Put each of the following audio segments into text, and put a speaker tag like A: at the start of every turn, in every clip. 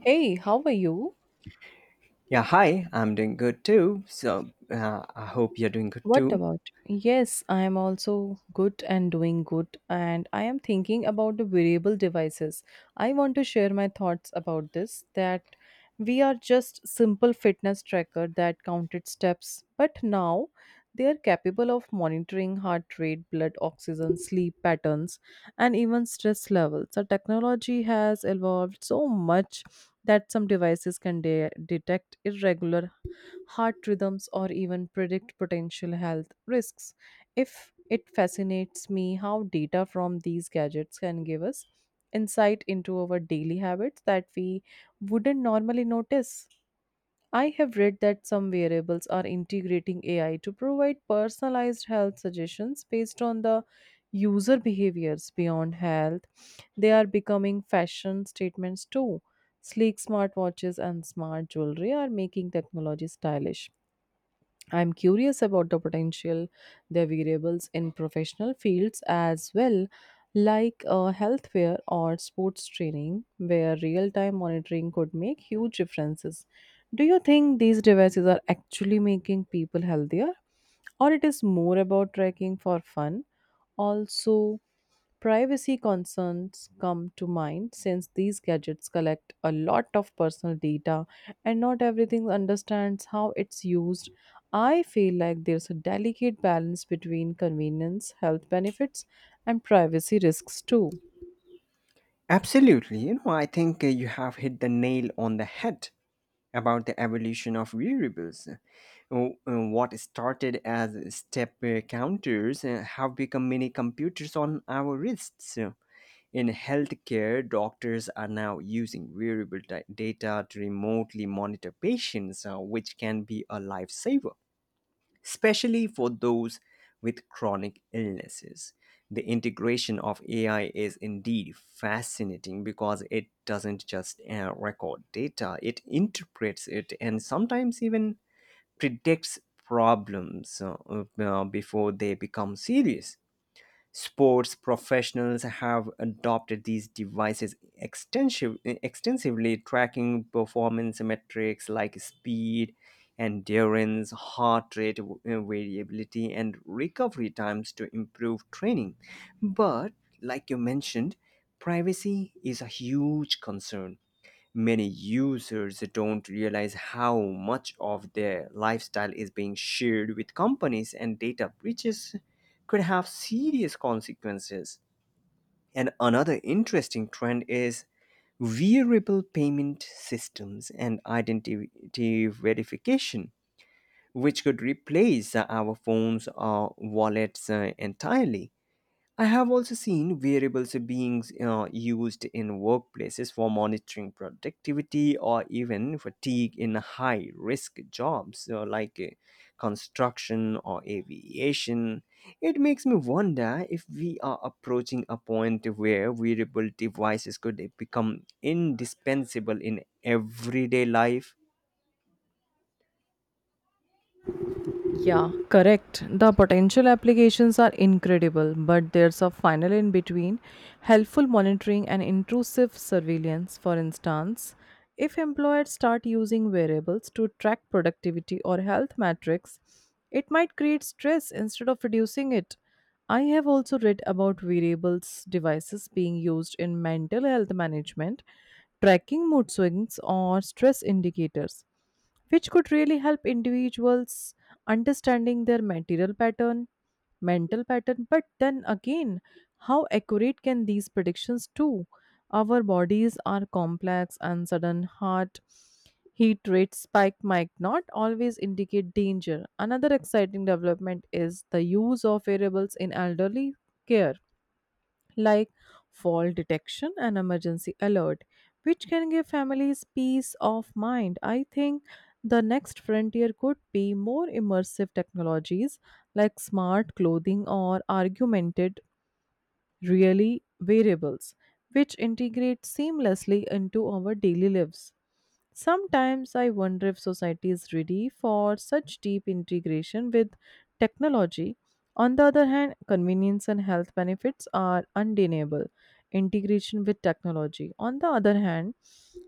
A: Hey, how are you?
B: Yeah, hi, I'm doing good too. So I hope you're doing good
A: What
B: too.
A: about? Yes, I am also good and doing good, and I am thinking about the wearable devices. I want to share my thoughts about this that we are just simple fitness tracker that counted steps, but now they are capable of monitoring heart rate, blood oxygen, sleep patterns, and even stress levels. The technology has evolved so much that some devices can detect irregular heart rhythms, or even predict potential health risks. If it fascinates me how data from these gadgets can give us insight into our daily habits that we wouldn't normally notice. I have read that some variables are integrating AI to provide personalized health suggestions based on the user behaviors beyond health. They are becoming fashion statements too. Sleek smartwatches and smart jewelry are making technology stylish. I'm curious about the potential their variables in professional fields as well, like healthcare or sports training, where real time monitoring could make huge differences. Do you think these devices are actually making people healthier, or it is more about tracking for fun? Also, privacy concerns come to mind since these gadgets collect a lot of personal data and not everything understands how it's used. I feel like there's a delicate balance between convenience, health benefits, and privacy risks too.
B: Absolutely. You know, I think you have hit the nail on the head about the evolution of variables. What started as step counters have become mini computers on our wrists. In healthcare, doctors are now using variable data to remotely monitor patients, which can be a lifesaver especially for those with chronic illnesses. The integration of AI is indeed fascinating because it doesn't just record data, it interprets it and sometimes even predicts problems before they become serious. Sports professionals have adopted these devices extensively, tracking performance metrics like speed, endurance, heart rate variability, and recovery times to improve training. But, like you mentioned, privacy is a huge concern. Many users don't realize how much of their lifestyle is being shared with companies, and data breaches could have serious consequences. And another interesting trend is wearable payment systems and identity verification, which could replace our phones or wallets entirely. I have also seen variables being used in workplaces for monitoring productivity or even fatigue in high risk jobs , like construction or aviation. It makes me wonder if we are approaching a point where wearable devices could become indispensable in everyday life.
A: Yeah, correct. The potential applications are incredible, but there's a final in between helpful monitoring and intrusive surveillance. For instance, if employers start using variables to track productivity or health metrics, it might create stress instead of reducing it. I have also read about variables devices being used in mental health management, tracking mood swings, or stress indicators which could really help individuals understanding their material pattern, mental pattern. But then again, how accurate can these predictions do? Our bodies are complex and sudden heart heat rate spike might not always indicate danger. Another exciting development is the use of variables in elderly care like fall detection and emergency alert, which can give families peace of mind. I think the next frontier could be more immersive technologies like smart clothing or augmented really variables, which integrate seamlessly into our daily lives. Sometimes I wonder if society is ready for such deep integration with technology. On the other hand, convenience and health benefits are undeniable. Integration with technology. On the other hand,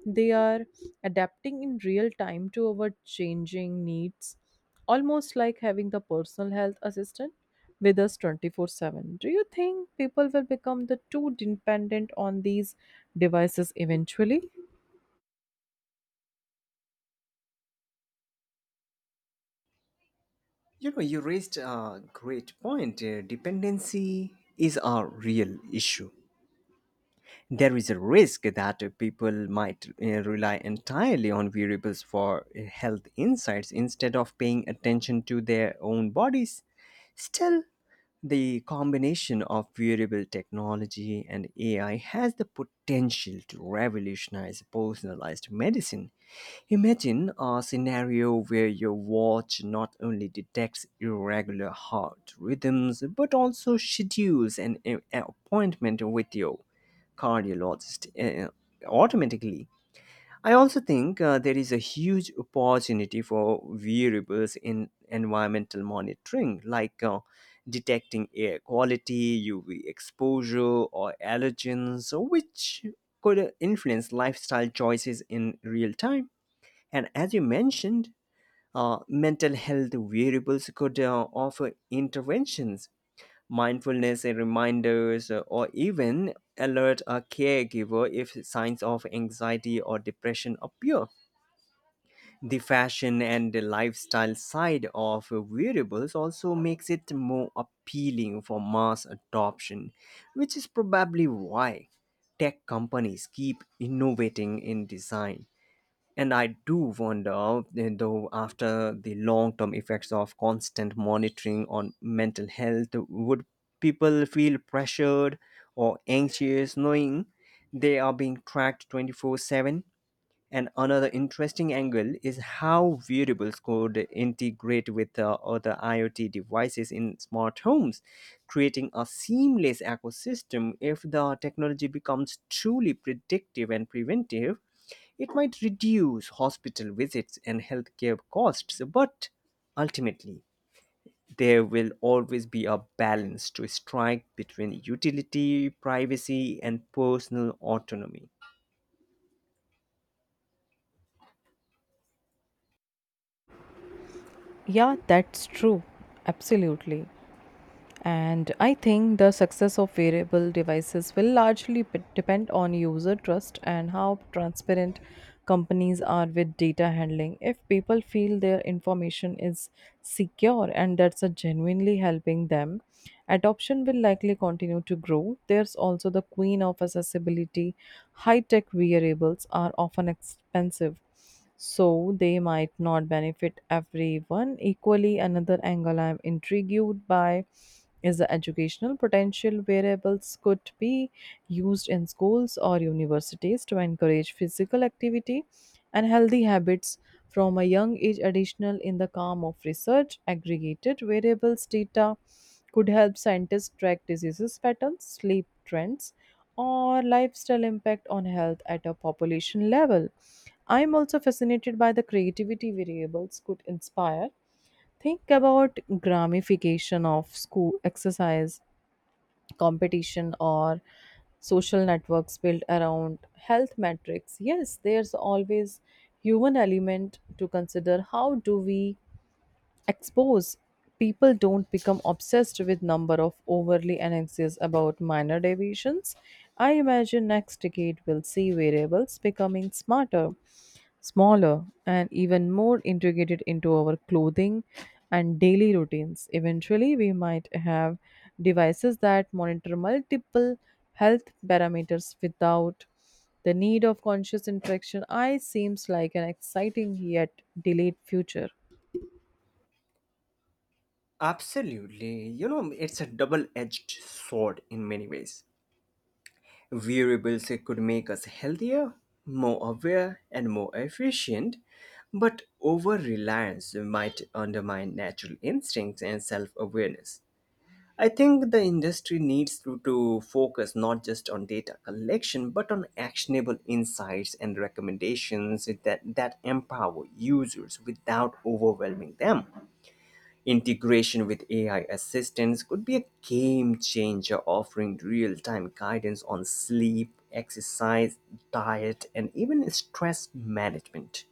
A: they are adapting in real time to our changing needs, almost like having the personal health assistant with us 24/7. Do you think people will become the too dependent on these devices eventually?
B: You know, you raised a great point. Dependency is a real issue. There is a risk that people might rely entirely on variables for health insights instead of paying attention to their own bodies. Still, the combination of wearable technology and AI has the potential to revolutionize personalized medicine. Imagine a scenario where your watch not only detects irregular heart rhythms but also schedules an appointment with your cardiologist automatically. I also think there is a huge opportunity for variables in environmental monitoring, like detecting air quality, UV exposure, or allergens, so which could influence lifestyle choices in real time. And as you mentioned, mental health variables could offer interventions, mindfulness and reminders, or even alert a caregiver if signs of anxiety or depression appear. The fashion and the lifestyle side of wearables also makes it more appealing for mass adoption, which is probably why tech companies keep innovating in design. And I do wonder, though, after the long term effects of constant monitoring on mental health, would people feel pressured or anxious knowing they are being tracked 24/7? And another interesting angle is how wearables could integrate with other IoT devices in smart homes, creating a seamless ecosystem. If the technology becomes truly predictive and preventive, it might reduce hospital visits and healthcare costs, but ultimately, there will always be a balance to strike between utility, privacy, and personal autonomy.
A: Yeah, that's true. Absolutely. And I think the success of wearable devices will largely depend on user trust and how transparent companies are with data handling. If people feel their information is secure and that's a genuinely helping them, adoption will likely continue to grow. There's also the queen of accessibility. High tech wearables are often expensive, so they might not benefit everyone equally. Another angle I'm intrigued by is the educational potential. Variables could be used in schools or universities to encourage physical activity and healthy habits from a young age. Additional in the calm of research, aggregated variables data could help scientists track diseases patterns, sleep trends, or lifestyle impact on health at a population level. I'm also fascinated by the creativity variables could inspire. Think about gramification of school exercise, competition, or social networks built around health metrics. Yes, there's always human element to consider. How do we expose people don't become obsessed with number of overly anxious about minor deviations. I imagine next decade will see variables becoming smarter, smaller, and even more integrated into our clothing and daily routines. Eventually we might have devices that monitor multiple health parameters without the need of conscious interaction. I seems like an exciting yet delayed future.
B: Absolutely. You know, it's a double edged sword in many ways. Variables it could make us healthier, more aware, and more efficient, but over reliance might undermine natural instincts and self awareness. I think the industry needs to focus not just on data collection but on actionable insights and recommendations that empower users without overwhelming them. Integration with AI assistants could be a game changer, offering real time guidance on sleep, exercise, diet, and even stress management.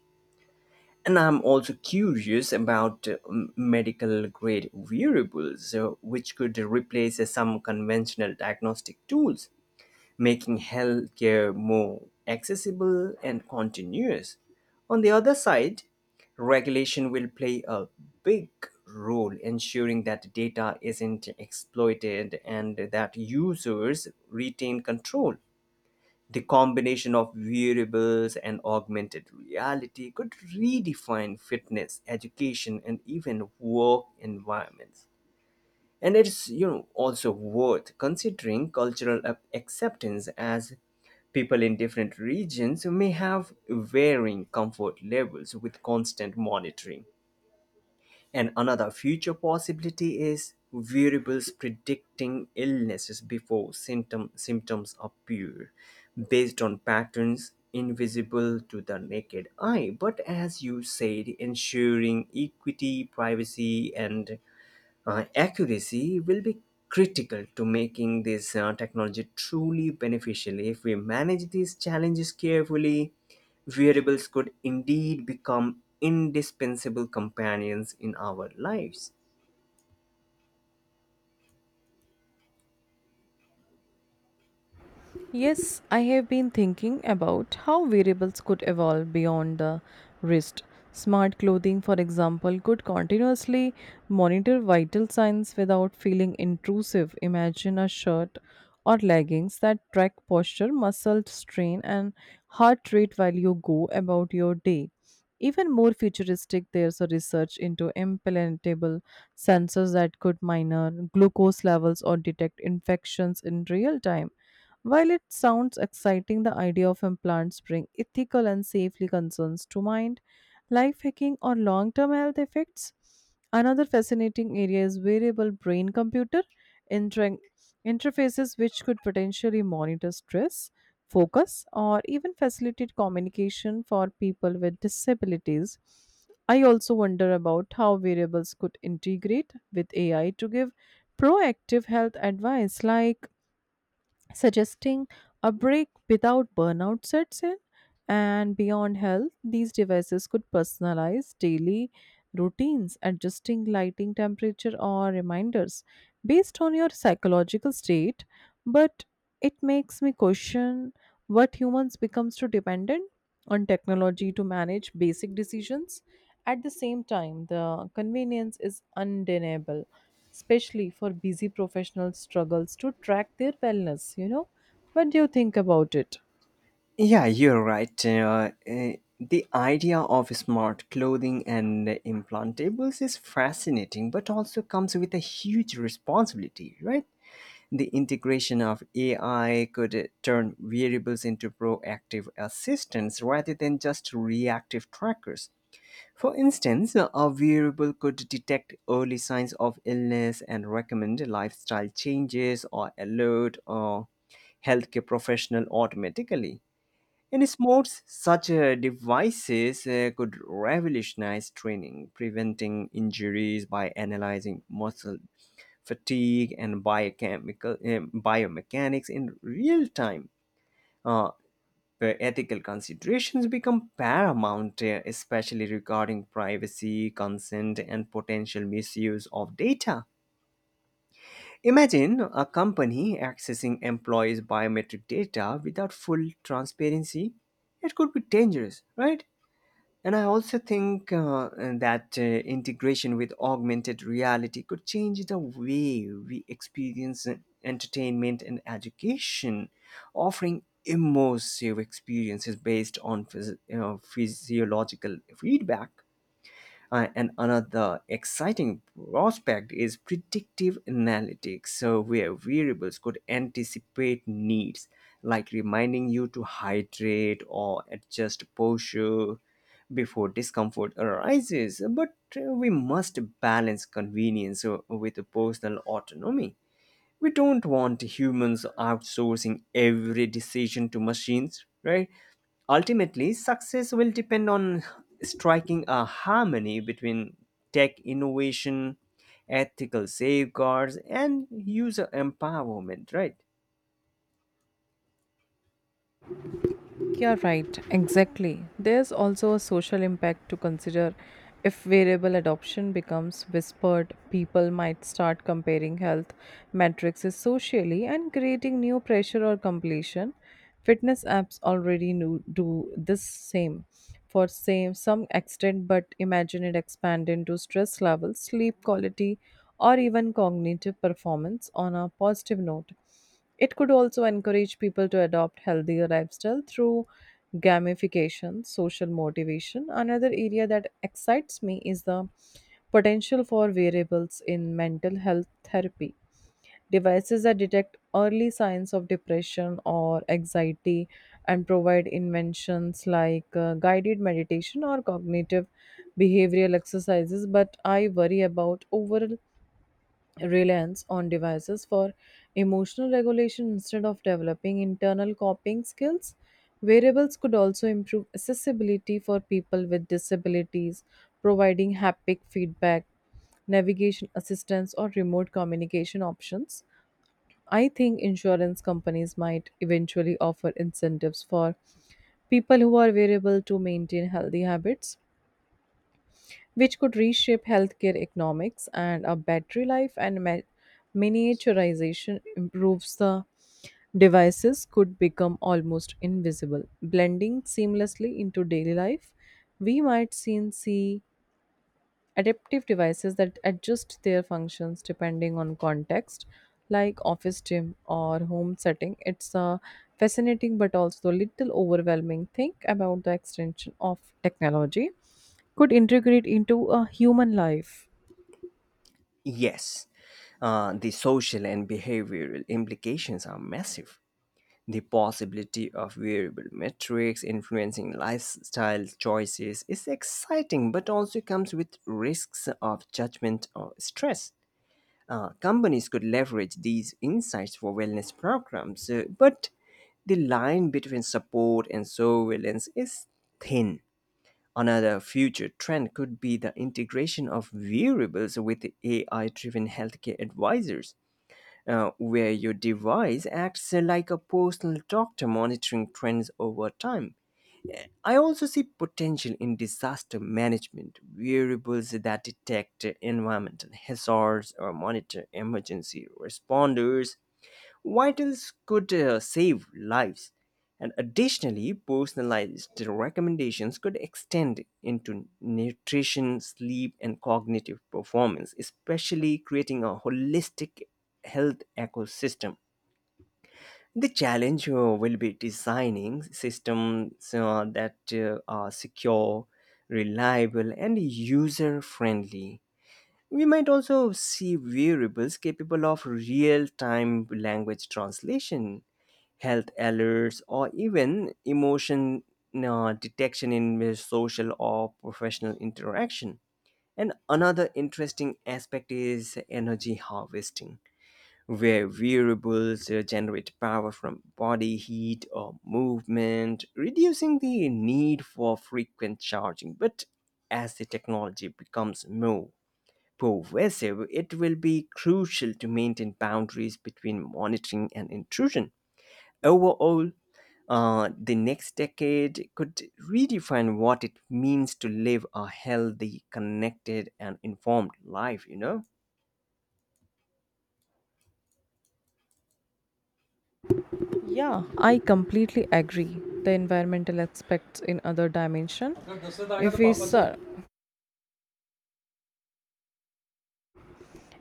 B: And I'm also curious about medical grade wearables, which could replace some conventional diagnostic tools making healthcare more accessible and continuous. On the other side, regulation will play a big role ensuring that data isn't exploited and that users retain control. The combination of variables and augmented reality could redefine fitness, education, and even work environments. And it's, you know, also worth considering cultural acceptance, as people in different regions may have varying comfort levels with constant monitoring. And another future possibility is variables predicting illnesses before symptoms appear based on patterns invisible to the naked eye. But as you said, ensuring equity, privacy, and accuracy will be critical to making this technology truly beneficial. If we manage these challenges carefully, wearables could indeed become indispensable companions in our lives.
A: Yes, I have been thinking about how wearables could evolve beyond the wrist. Smart clothing, for example, could continuously monitor vital signs without feeling intrusive. Imagine a shirt or leggings that track posture, muscle strain, and heart rate while you go about your day. Even more futuristic, there's a research into implantable sensors that could monitor glucose levels or detect infections in real time. While it sounds exciting, the idea of implants bring ethical and safety concerns to mind, life hacking or long-term health effects. Another fascinating area is variable brain computer inter- interfaces which could potentially monitor stress, focus, or even facilitate communication for people with disabilities. I also wonder about how variables could integrate with AI to give proactive health advice like suggesting a break without burnout sets in. And beyond health, these devices could personalize daily routines, adjusting lighting temperature or reminders based on your psychological state. But it makes me question what humans becomes too dependent on technology to manage basic decisions. At the same time, the convenience is undeniable, especially for busy professionals struggles to track their wellness, you know? What do you think about it?
B: Yeah, you're right. The idea of smart clothing and implantables is fascinating, but also comes with a huge responsibility, right? The integration of AI could turn variables into proactive assistants rather than just reactive trackers. For instance, a variable could detect early signs of illness and recommend lifestyle changes or alert a healthcare professional automatically. In sports, such devices could revolutionize training, preventing injuries by analyzing muscle fatigue, and biochemical biomechanics in real time. Uh, where ethical considerations become paramount, especially regarding privacy, consent, and potential misuse of data. Imagine a company accessing employees' biometric data without full transparency. It could be dangerous, right? And I also think that integration with augmented reality could change the way we experience entertainment and education, offering immersive experiences based on you know, physiological feedback. And another exciting prospect is predictive analytics, so where variables could anticipate needs, like reminding you to hydrate or adjust posture before discomfort arises. But we must balance convenience with personal autonomy. We don't want humans outsourcing every decision to machines, right? Ultimately, success will depend on striking a harmony between tech innovation, ethical safeguards, and user empowerment, right?
A: You're right, exactly. There's also a social impact to consider. If variable adoption becomes whispered, people might start comparing health metrics socially and creating new pressure or completion. Fitness apps already do this same for same some extent, but imagine it expand into stress levels, sleep quality, or even cognitive performance on a positive note. It could also encourage people to adopt healthier lifestyle through gamification, social motivation. Another area that excites me is the potential for variables in mental health therapy. Devices that detect early signs of depression or anxiety and provide inventions like guided meditation or cognitive behavioral exercises. But I worry about overall reliance on devices for emotional regulation instead of developing internal coping skills. Wearables could also improve accessibility for people with disabilities, providing haptic feedback, navigation assistance, or remote communication options. I think insurance companies might eventually offer incentives for people who are wearable to maintain healthy habits, which could reshape healthcare economics. And a battery life and miniaturization improves, the devices could become almost invisible, blending seamlessly into daily life. We might soon see adaptive devices that adjust their functions depending on context like office, gym, or home setting. It's a fascinating but also a little overwhelming thing about the extension of technology could integrate into a human life.
B: Yes, the social and behavioral implications are massive. The possibility of variable metrics influencing lifestyle choices is exciting, but also comes with risks of judgment or stress. Companies could leverage these insights for wellness programs, but the line between support and surveillance is thin. Another future trend could be the integration of variables with AI driven healthcare advisors, where your device acts like a personal doctor monitoring trends over time. I also see potential in disaster management, variables that detect environmental hazards or monitor emergency responders vitals could save lives. And additionally, personalized recommendations could extend into nutrition, sleep, and cognitive performance, especially creating a holistic health ecosystem. The challenge will be designing systems that are secure, reliable, and user friendly. We might also see variables capable of real time language translation, health alerts, or even emotion detection in the social or professional interaction. And another interesting aspect is energy harvesting, where variables generate power from body heat or movement, reducing the need for frequent charging. But as the technology becomes more pervasive, it will be crucial to maintain boundaries between monitoring and intrusion. Overall, the next decade could redefine what it means to live a healthy, connected, and informed life, you know?
A: Yeah, I completely agree. The environmental aspects in other dimension. if we ser-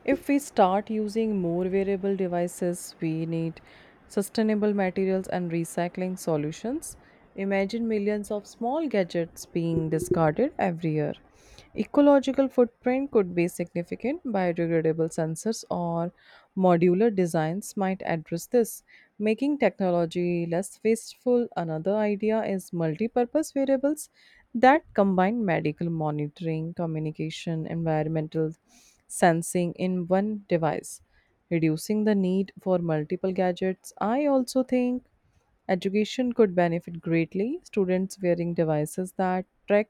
A: If we start using more variable devices, we need sustainable materials and recycling solutions. Imagine millions of small gadgets being discarded every year. Ecological footprint could be significant. Biodegradable sensors or modular designs might address this, making technology less wasteful. Another idea is multi-purpose variables that combine medical monitoring, communication, environmental sensing in one device, reducing the need for multiple gadgets. I also think education could benefit greatly. Students wearing devices that track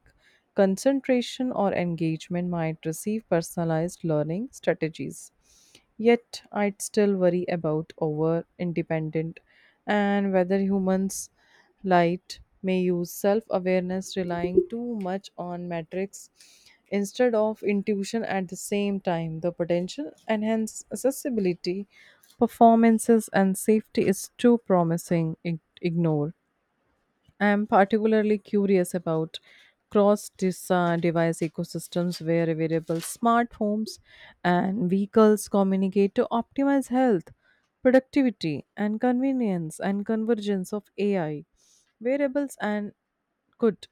A: concentration or engagement might receive personalized learning strategies. Yet, I'd still worry about over independent and whether humans light may use self awareness, relying too much on metrics instead of intuition at the same time. The potential enhanced accessibility, performances, and safety is too promising. Ignore. I'm particularly curious about cross device ecosystems where variable smart homes and vehicles communicate to optimize health, productivity, and convenience and convergence of AI. Wearables and could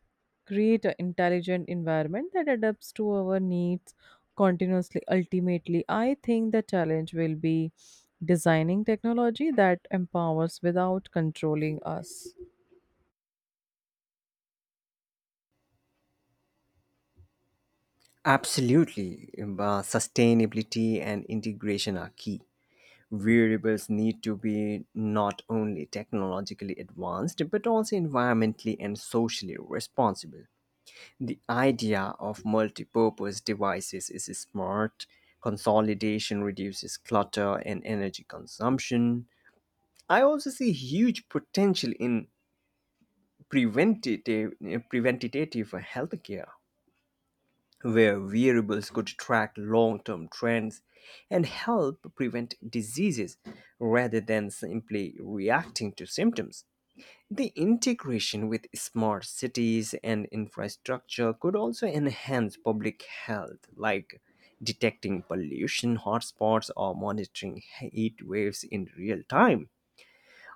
A: create an intelligent environment that adapts to our needs continuously. Ultimately, I think the challenge will be designing technology that empowers without controlling us.
B: Absolutely. Sustainability and integration are key. Variables need to be not only technologically advanced, but also environmentally and socially responsible. The idea of multi purpose devices is smart. Consolidation reduces clutter and energy consumption. I also see huge potential in preventative healthcare, where wearables could track long-term trends and help prevent diseases rather than simply reacting to symptoms. The integration with smart cities and infrastructure could also enhance public health, like detecting pollution hotspots or monitoring heat waves in real time.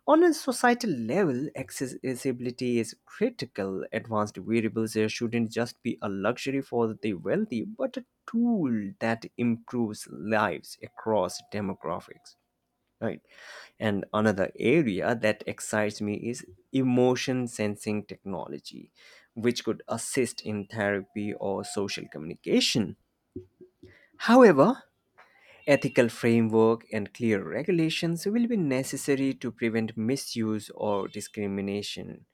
B: On a societal level, accessibility is critical. Advanced wearables shouldn't just be a luxury for the wealthy, but a tool that improves lives across demographics. Right. And another area that excites me is emotion sensing technology, which could assist in therapy or social communication. However, ethical framework and clear regulations will be necessary to prevent misuse or discrimination.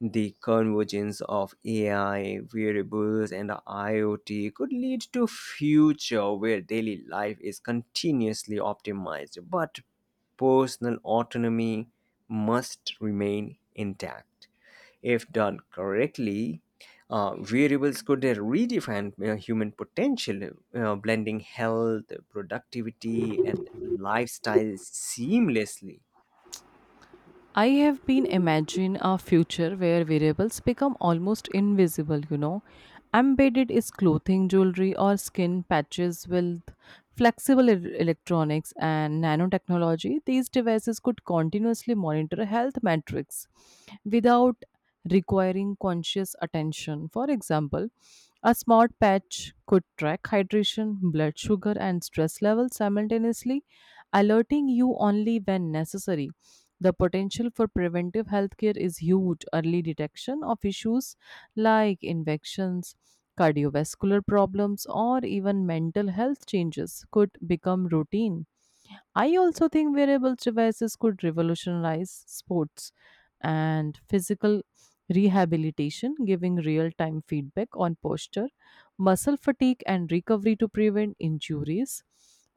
B: The convergence of AI, wearables, and the IoT could lead to a future where daily life is continuously optimized, but personal autonomy must remain intact. If done correctly, variables could redefine human potential, blending health, productivity, and lifestyle seamlessly.
A: I have been imagining a future where variables become almost invisible, you know. Embedded is clothing, jewelry or skin patches with flexible electronics and nanotechnology. These devices could continuously monitor health metrics without requiring conscious attention. For example, a smart patch could track hydration, blood sugar and stress levels simultaneously, alerting you only when necessary. The potential for preventive healthcare is huge. Early detection of issues like infections, cardiovascular problems, or even mental health changes could become routine. I also think wearable devices could revolutionize sports and physical rehabilitation, giving real time feedback on posture, muscle fatigue, and recovery to prevent injuries.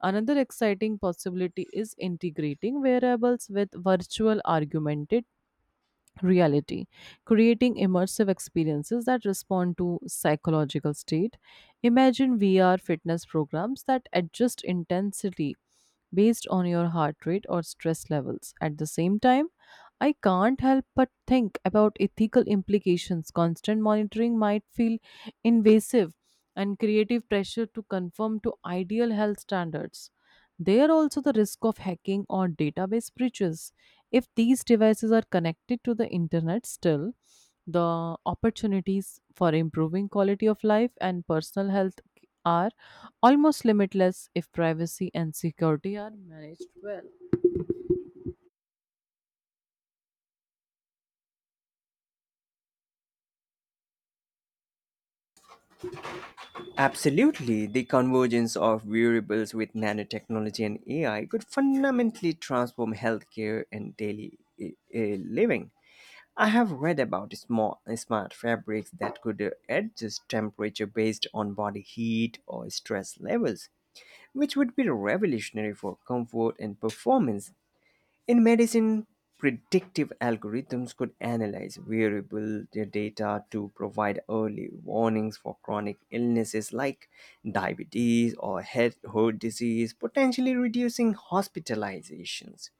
A: Another exciting possibility is integrating wearables with virtual augmented reality, creating immersive experiences that respond to psychological state. Imagine VR fitness programs that adjust intensity based on your heart rate or stress levels. At the same time, I can't help but think about ethical implications. Constant monitoring might feel invasive and creative pressure to conform to ideal health standards. There also the risk of hacking or database breaches. If these devices are connected to the internet still, the opportunities for improving quality of life and personal health are almost limitless if privacy and security are managed well.
B: Absolutely, the convergence of variables with nanotechnology and AI could fundamentally transform healthcare and daily living. I have read about small, smart fabrics that could adjust temperature based on body heat or stress levels, which would be revolutionary for comfort and performance. In medicine, predictive algorithms could analyze variable data to provide early warnings for chronic illnesses like diabetes or head heart disease, potentially reducing hospitalizations.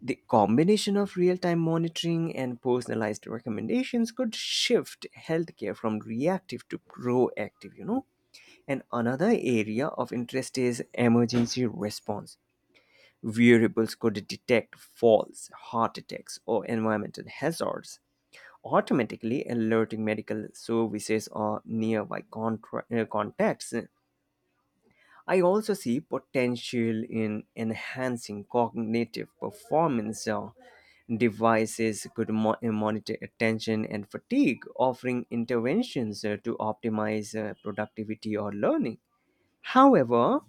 B: The combination of real time monitoring and personalized recommendations could shift healthcare from reactive to proactive, you know. And another area of interest is emergency response. Wearables could detect falls, heart attacks, or environmental hazards, automatically alerting medical services or nearby contacts. I also see potential in enhancing cognitive performance. Devices could monitor attention and fatigue, offering interventions to optimize productivity or learning. However,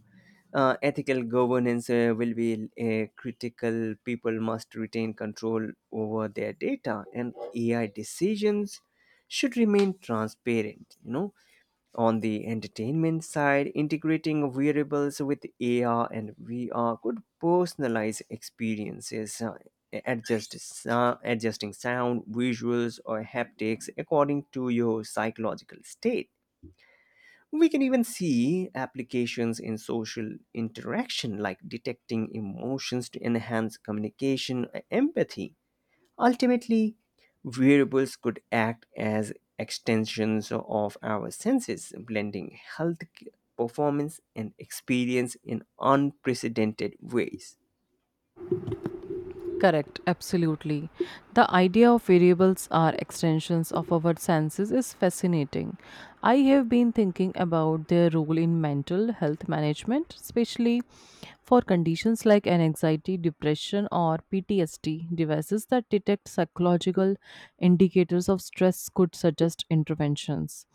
B: ethical governance will be critical. People must retain control over their data, and AI decisions should remain transparent. You know, on the entertainment side, integrating wearables with AR and VR could personalize experiences. Adjusting sound, visuals, or haptics according to your psychological state, we can even see applications in social interaction, like detecting emotions to enhance communication, and empathy. Ultimately, wearables could act as extensions of our senses, blending health, performance, and experience in unprecedented ways.
A: Correct, absolutely. The idea of variables are extensions of our senses is fascinating. I have been thinking about their role in mental health management, especially for conditions like anxiety, depression, or PTSD. Devices that detect psychological indicators of stress could suggest interventions.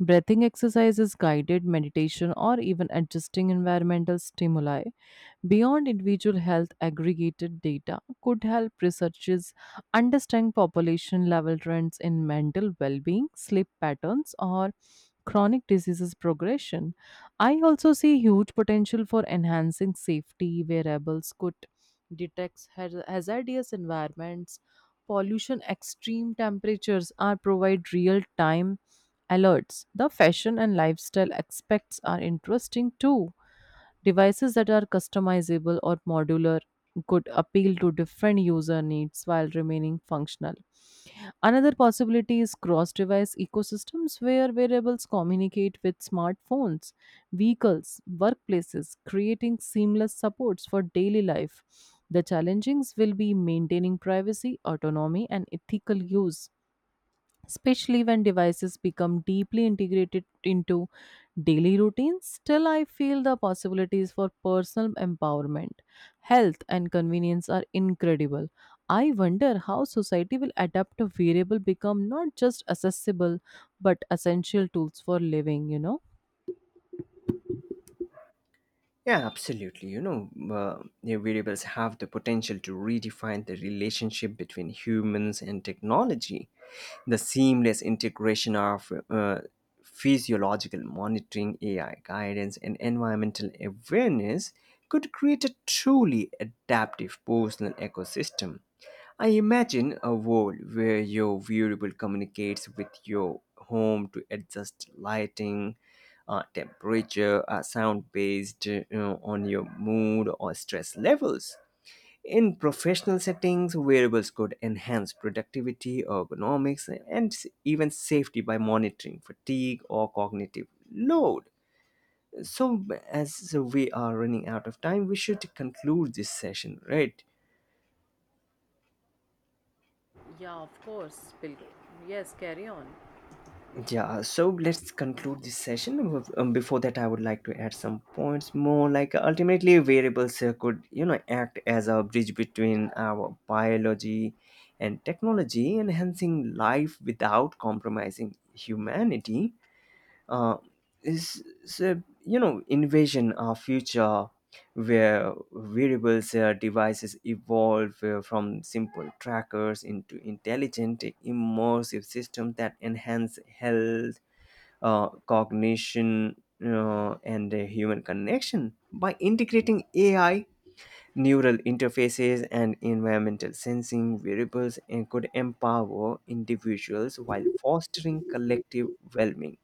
A: Breathing exercises, guided meditation, or even adjusting environmental stimuli beyond individual health aggregated data could help researchers understand population level trends in mental well-being, sleep patterns or chronic diseases progression. I also see huge potential for enhancing safety. Variables could detect hazardous environments, pollution, extreme temperatures are provide real time alerts. The fashion and lifestyle aspects are interesting too. Devices that are customizable or modular could appeal to different user needs while remaining functional. Another possibility is cross device ecosystems where wearables communicate with smartphones, vehicles, workplaces, creating seamless supports for daily life. The challenges will be maintaining privacy, autonomy, and ethical use especially when devices become deeply integrated into daily routines. Still, I feel the possibilities for personal empowerment, health, and convenience are incredible. I wonder how society will adapt a variable become not just accessible but essential tools for living, you know?
B: Yeah, absolutely. You know, the variables have the potential to redefine the relationship between humans and technology. The seamless integration of physiological monitoring, AI guidance, and environmental awareness could create a truly adaptive personal ecosystem. I imagine a world where your wearable communicates with your home to adjust lighting, temperature, sound based you know, on your mood or stress levels. In professional settings, wearables could enhance productivity, ergonomics, and even safety by monitoring fatigue or cognitive load. So, as we are running out of time, we should conclude this session, right?
A: Yeah, of course, Bill. Yes, carry on.
B: Yeah, so let's conclude this session. Before that, I would like to add some points more. Like ultimately, variables could, you know, act as a bridge between our biology and technology, enhancing life without compromising humanity. Uh, is so, you know, envision of future where variables devices evolve from simple trackers into intelligent immersive systems that enhance health, cognition, and human connection. By integrating AI, neural interfaces, and environmental sensing variables, and could empower individuals while fostering collective well-being.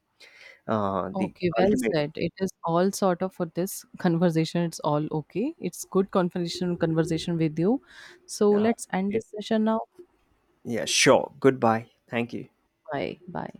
B: The
A: Okay, well
B: ultimate.
A: said. It is all sort of for this conversation. It's all okay. It's good conversation with you. So
B: Uh,
A: let's end
B: it,
A: this session now.
B: yeah, sure. Goodbye. Thank you.
A: Bye. Bye.